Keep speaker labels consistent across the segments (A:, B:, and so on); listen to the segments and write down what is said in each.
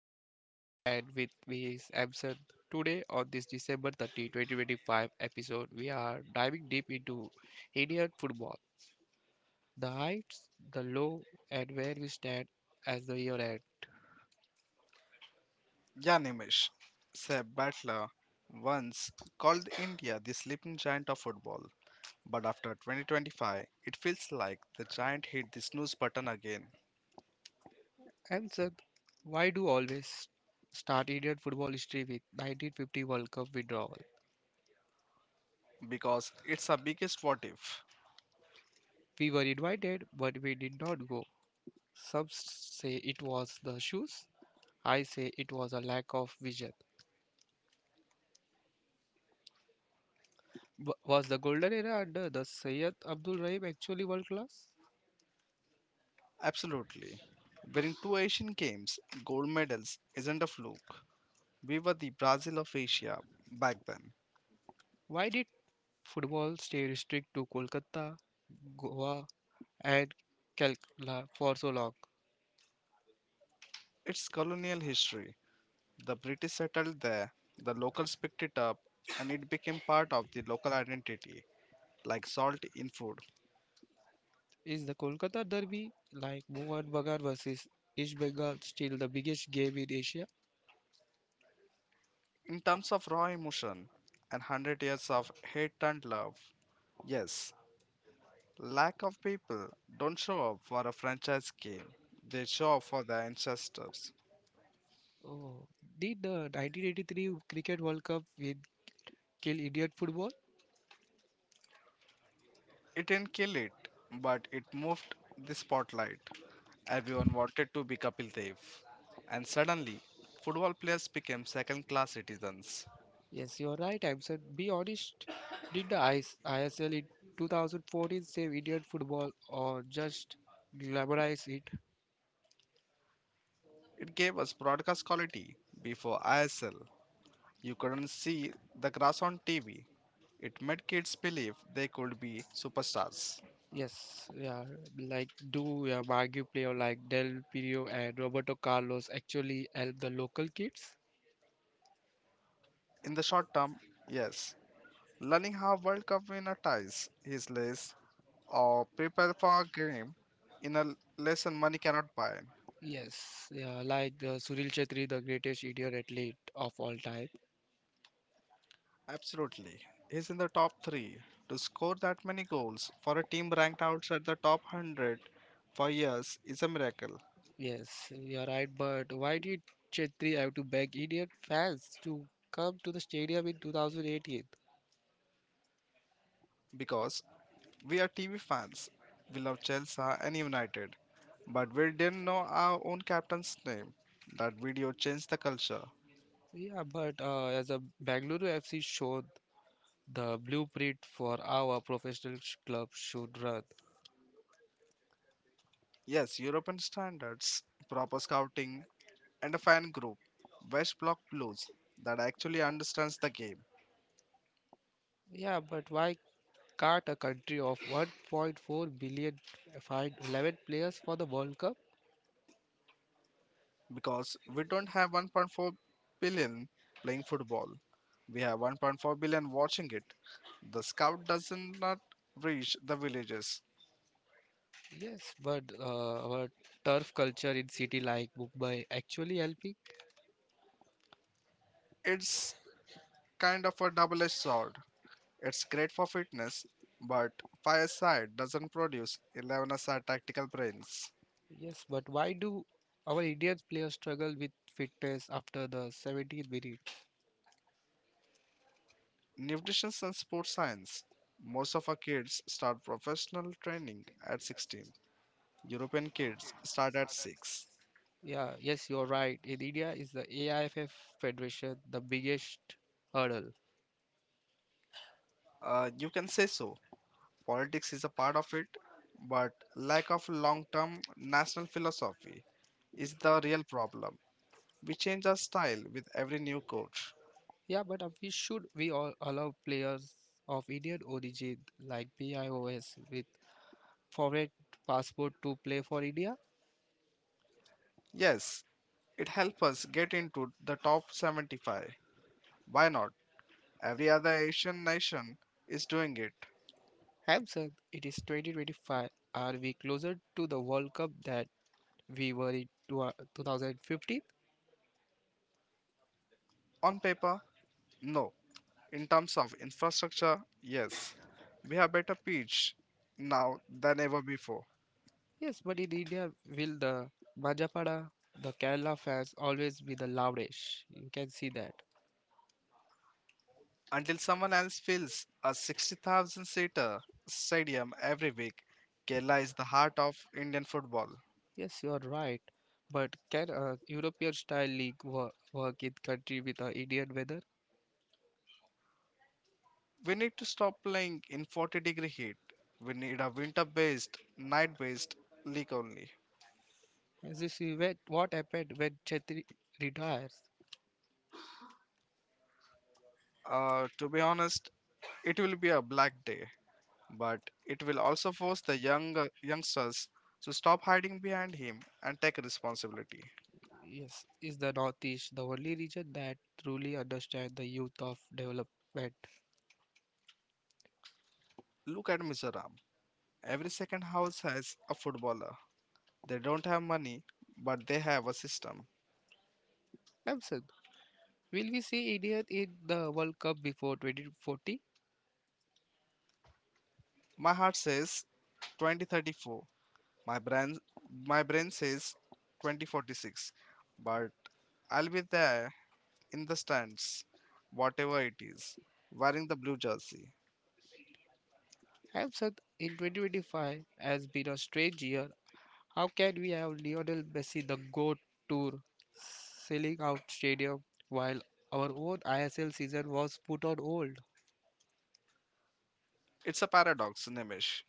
A: I am Divesh and with me is Amson. Today on this December 30, 2025 episode, we are diving deep into Indian football, the heights, the low, and where we stand as the year end.
B: Yanemish, Seb Butler, once called India the sleeping giant of football. But after 2025, it feels like the giant hit the snooze button again.
A: Amson, why do always start Indian football history with 1950 World Cup withdrawal?
B: Because it's our biggest what if.
A: We were invited, but we did not go. Some say it was the shoes. I say it was a lack of vision. Was the golden era under the Syed Abdul Rahim actually world class?
B: Absolutely. Winning two Asian Games gold medals isn't a fluke. We were the Brazil of Asia back then.
A: Why did football stay restricted to Kolkata, Goa, and Calcutta for so long?
B: It's colonial history. The British settled there, the locals picked it up, and it became part of the local identity, like salt in food.
A: Is the Kolkata derby like Mohan Bagan versus East Bengal still the biggest game in Asia?
B: In terms of raw emotion and 100 years of hate and love. Yes, lack of people don't show up for a franchise game, they show up for their ancestors.
A: Oh, did the 1983 Cricket World Cup win kill Indian football?
B: It didn't kill it, but it moved the spotlight. Everyone wanted to be Kapil Dev, and suddenly, football players became second class citizens.
A: Yes, you're right, I'm said. Be honest, did the IS ISL in 2014 save Indian football or just glamorize it?
B: It gave us broadcast quality before ISL. You couldn't see the grass on TV. It made kids believe they could be superstars.
A: Yes, yeah, like do a marquee player like Del Piero and Roberto Carlos actually help the local kids?
B: In the short term, yes, learning how World Cup winner ties his lace or prepare for a game in a lesson money cannot buy.
A: Yes, yeah, like the Suril Chetri, the greatest Indian athlete of all time.
B: Absolutely. He's in the top three. To score that many goals for a team ranked outside the top 100 for years is a miracle
A: Yes, you're right, but why did Chetri have to beg Indian fans to come to the stadium in 2018?
B: because we are TV fans. We love Chelsea and United. But we didn't know our own captain's name. That video changed the culture.
A: Yeah, but as a Bangalore FC showed the blueprint for our professional club should run.
B: Yes, European standards, proper scouting, and a fan group, West Block Blues, that actually understands the game.
A: Yeah, but why can't a country of 1.4 billion find 11 players for the World Cup?
B: Because we don't have 1.4 billion playing football, we have 1.4 billion watching it. The scout doesn't reach the villages.
A: Yes, but our turf culture in city like Mumbai actually helping.
B: It's kind of a double-edged sword. It's great for fitness, but fireside doesn't produce 11-a-side tactical brains.
A: Yes, but why do our Indian players struggle with fitness after the 17th minute?
B: Nutrition and sports science. Most of our kids start professional training at 16. European kids start at 6.
A: Yeah, yes, you're right. In India, is the AIFF Federation the biggest hurdle?
B: You can say so. Politics is a part of it, but lack of long-term national philosophy is the real problem. We change our style with every new coach.
A: Yeah, but we should we all allow players of Indian origin like BIOS with foreign passport to play for India?
B: Yes, it helps us get into the top 75. Why not? Every other Asian nation is doing it.
A: Hamson, it is 2025. Are we closer to the World Cup that we were in 2015?
B: On paper, no. In terms of infrastructure, yes. We have better pitch now than ever before.
A: Yes, but in India, will the Majapada, the Kerala fans always be the loudest? You can see that.
B: Until someone else fills a 60,000 seater stadium every week, Kerala is the heart of Indian football.
A: Yes, you are right. But can a European style league work in country with Indian weather?
B: We need to stop playing in 40-degree heat. We need a winter based, night based league only.
A: As you see, what happened when Chetri retires?
B: To be honest, it will be a black day. But it will also force the young youngsters to stop hiding behind him and take responsibility.
A: Yes, is the Northeast the only region that truly understands the youth of development?
B: Look at Mizoram. Every second house has a footballer. They don't have money, but they have a system.
A: Samson, will we see India in the World Cup before 2040?
B: My heart says 2034. My brain my brain says 2046. But I'll be there in the stands, whatever it is, wearing the blue jersey.
A: Samson, in 2025 has been a strange year. How can we have Lionel Messi the GOAT tour selling out stadium while our own ISL season was put on hold?
B: It's a paradox, Nimish.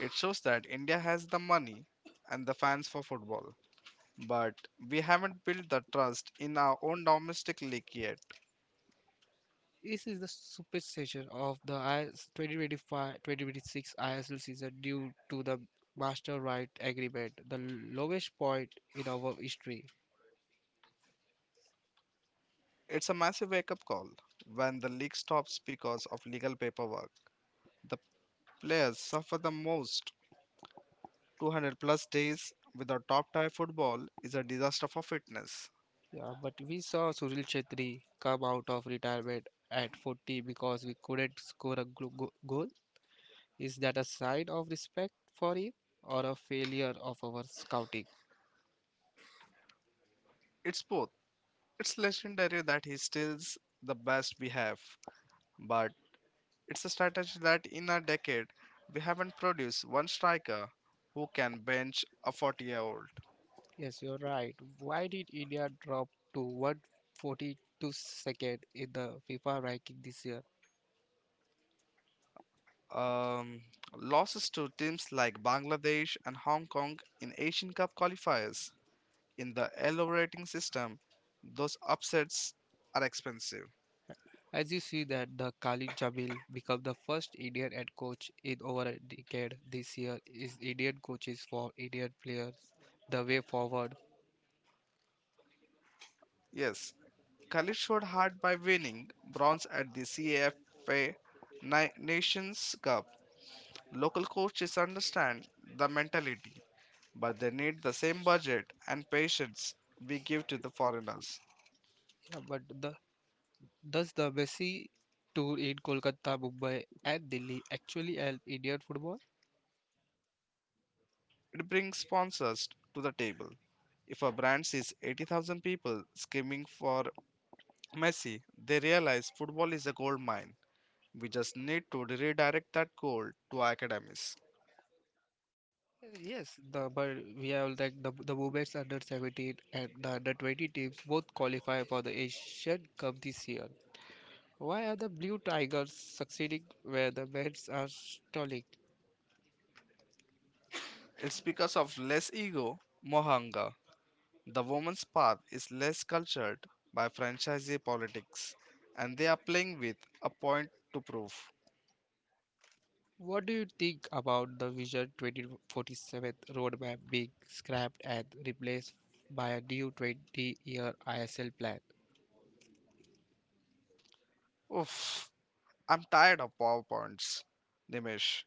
B: It shows that India has the money and the fans for football, but we haven't built the trust in our own domestic league yet.
A: This is the superstition of the 2025-2026 ISL season due to the master right agreement, the lowest point in our history.
B: It's a massive wake up call. When the league stops because of legal paperwork, the players suffer the most. 200 plus days without top tier football is a disaster for fitness.
A: Yeah, but we saw Sunil Chetri come out of retirement at 40 because we couldn't score a goal. Is that a sign of respect for him or a failure of our scouting?
B: It's both. It's legendary that he steals the best we have, but it's a strategy that in a decade we haven't produced one striker who can bench a 40-year-old.
A: Yes, you're right. Why did India drop to 142 second in the FIFA ranking this year?
B: Um, losses to teams like Bangladesh and Hong Kong in Asian Cup qualifiers in the LO rating system, those upsets are expensive.
A: As you see that the Khalid Jamil become the first Indian head coach in over a decade this year, is Indian coaches for Indian players the way forward?
B: Yes, Khalid showed heart by winning bronze at the CAFA Nations Cup. Local coaches understand the mentality. But they need the same budget and patience we give to the foreigners.
A: Yeah, does the Messi tour in Kolkata, Mumbai and Delhi actually help Indian football?
B: It brings sponsors to the table. If a brand sees 80,000 people screaming for Messi, they realize football is a gold mine. We just need to redirect that gold to our academies.
A: Yes, the but we have like the women's under 17 and the under 20 teams both qualify for the Asian Cup this year. Why are the Blue Tigers succeeding where the men's are stalling?
B: It's because of less ego, more hunger. The woman's path is less cultured by franchisee politics, and they are playing with a point to prove.
A: What do you think about the Vision 2047 roadmap being scrapped and replaced by a new 20-year ISL plan?
B: Oof. I'm tired of PowerPoints, Nimish.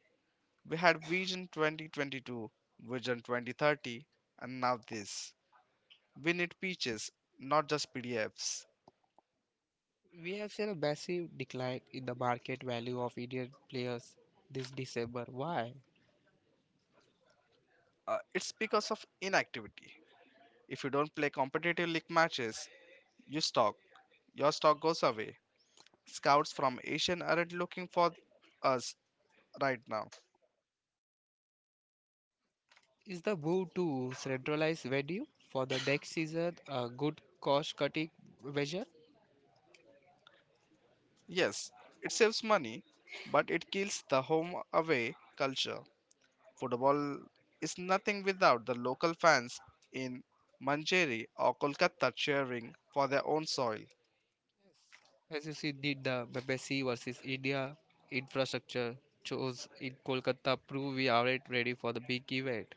B: We had Vision 2022, Vision 2030, and now this. We need peaches, not just PDFs.
A: We have seen a massive decline in the market value of Indian players this December. Why?
B: It's because of inactivity. If you don't play competitive league matches, you stock. Your stock goes away. Scouts from Asian aren't looking for us right now.
A: Is the move to centralize venue for the next season a good cost-cutting measure?
B: Yes, it saves money, but it kills the home away culture. Football is nothing without the local fans in Manjeri or Kolkata cheering for their own soil.
A: As you see, did the Messi versus India infrastructure chose in Kolkata prove we aren't ready for the big event?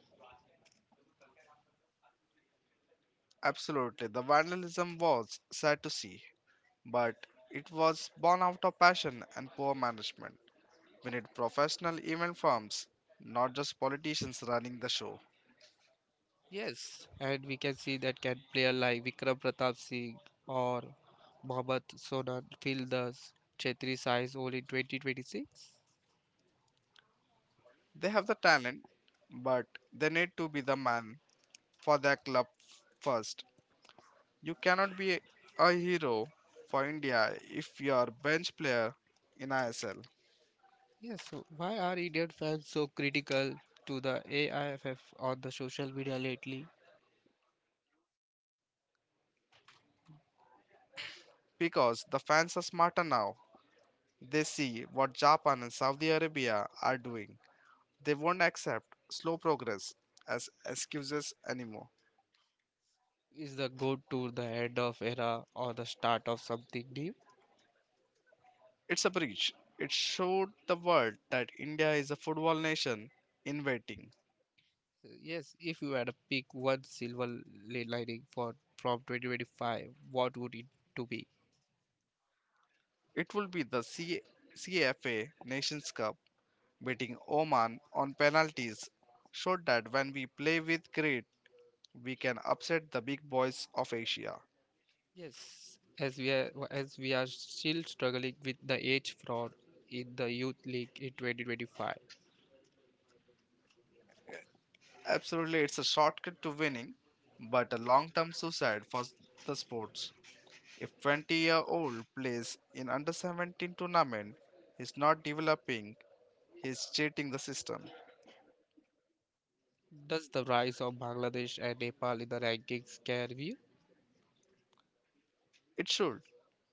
B: Absolutely, the vandalism was sad to see, but it was born out of passion and poor management. We need professional event firms, not just politicians running the show.
A: Yes, and we can see that, can player like Vikram Pratap Singh or Mohammad Sonam fill the Chetri size all in 2026?
B: They have the talent, but they need to be the man for their club first. You cannot be a hero for India if you are bench player in ISL.
A: Yes, so why are Indian fans so critical to the AIFF on the social media lately?
B: Because the fans are smarter now. They see what Japan and Saudi Arabia are doing. They won't accept slow progress as excuses anymore.
A: Is the go to the end of era or the start of something new?
B: It's a breach. It showed the world that India is a football nation in waiting.
A: Yes, if you had to pick one silver lining for from 2025, what would it to be?
B: It will be the CFA Nations Cup beating Oman on penalties showed that when we play with grit we can upset the big boys of Asia.
A: Yes, as we are still struggling with the age fraud in the youth league in 2025,
B: Absolutely, it's a shortcut to winning, but a long term suicide for the sports. If 20-year-old plays in under 17 tournament, he's not developing, he's cheating the system.
A: does the rise of Bangladesh and Nepal in the rankings scare you?
B: It should.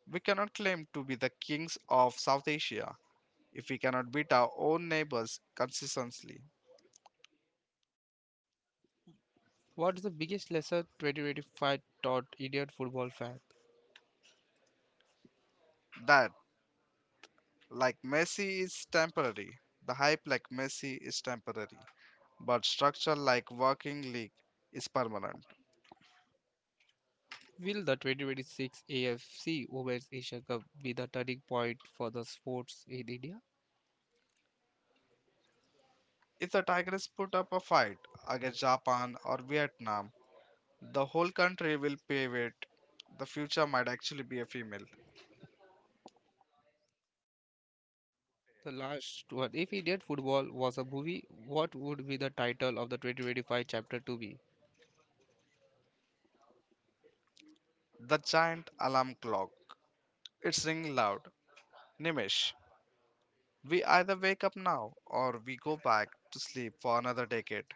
B: We cannot claim to be the kings of South Asia if we cannot beat our own neighbors consistently.
A: What's the biggest lesson 2025 taught Indian football fans?
B: That like Messi is temporary. The hype like Messi is temporary. But structure like working league is permanent.
A: Will the 2026 AFC Women's Asia Cup be the turning point for the sports in India?
B: If the Tigers put up a fight against Japan or Vietnam, the whole country will pave it. The future might actually be a female.
A: The last one. If Indian football was a movie, what would be the title of the 2025 chapter to be?
B: The giant alarm clock. It's ringing loud. Nimish, we either wake up now or we go back to sleep for another decade.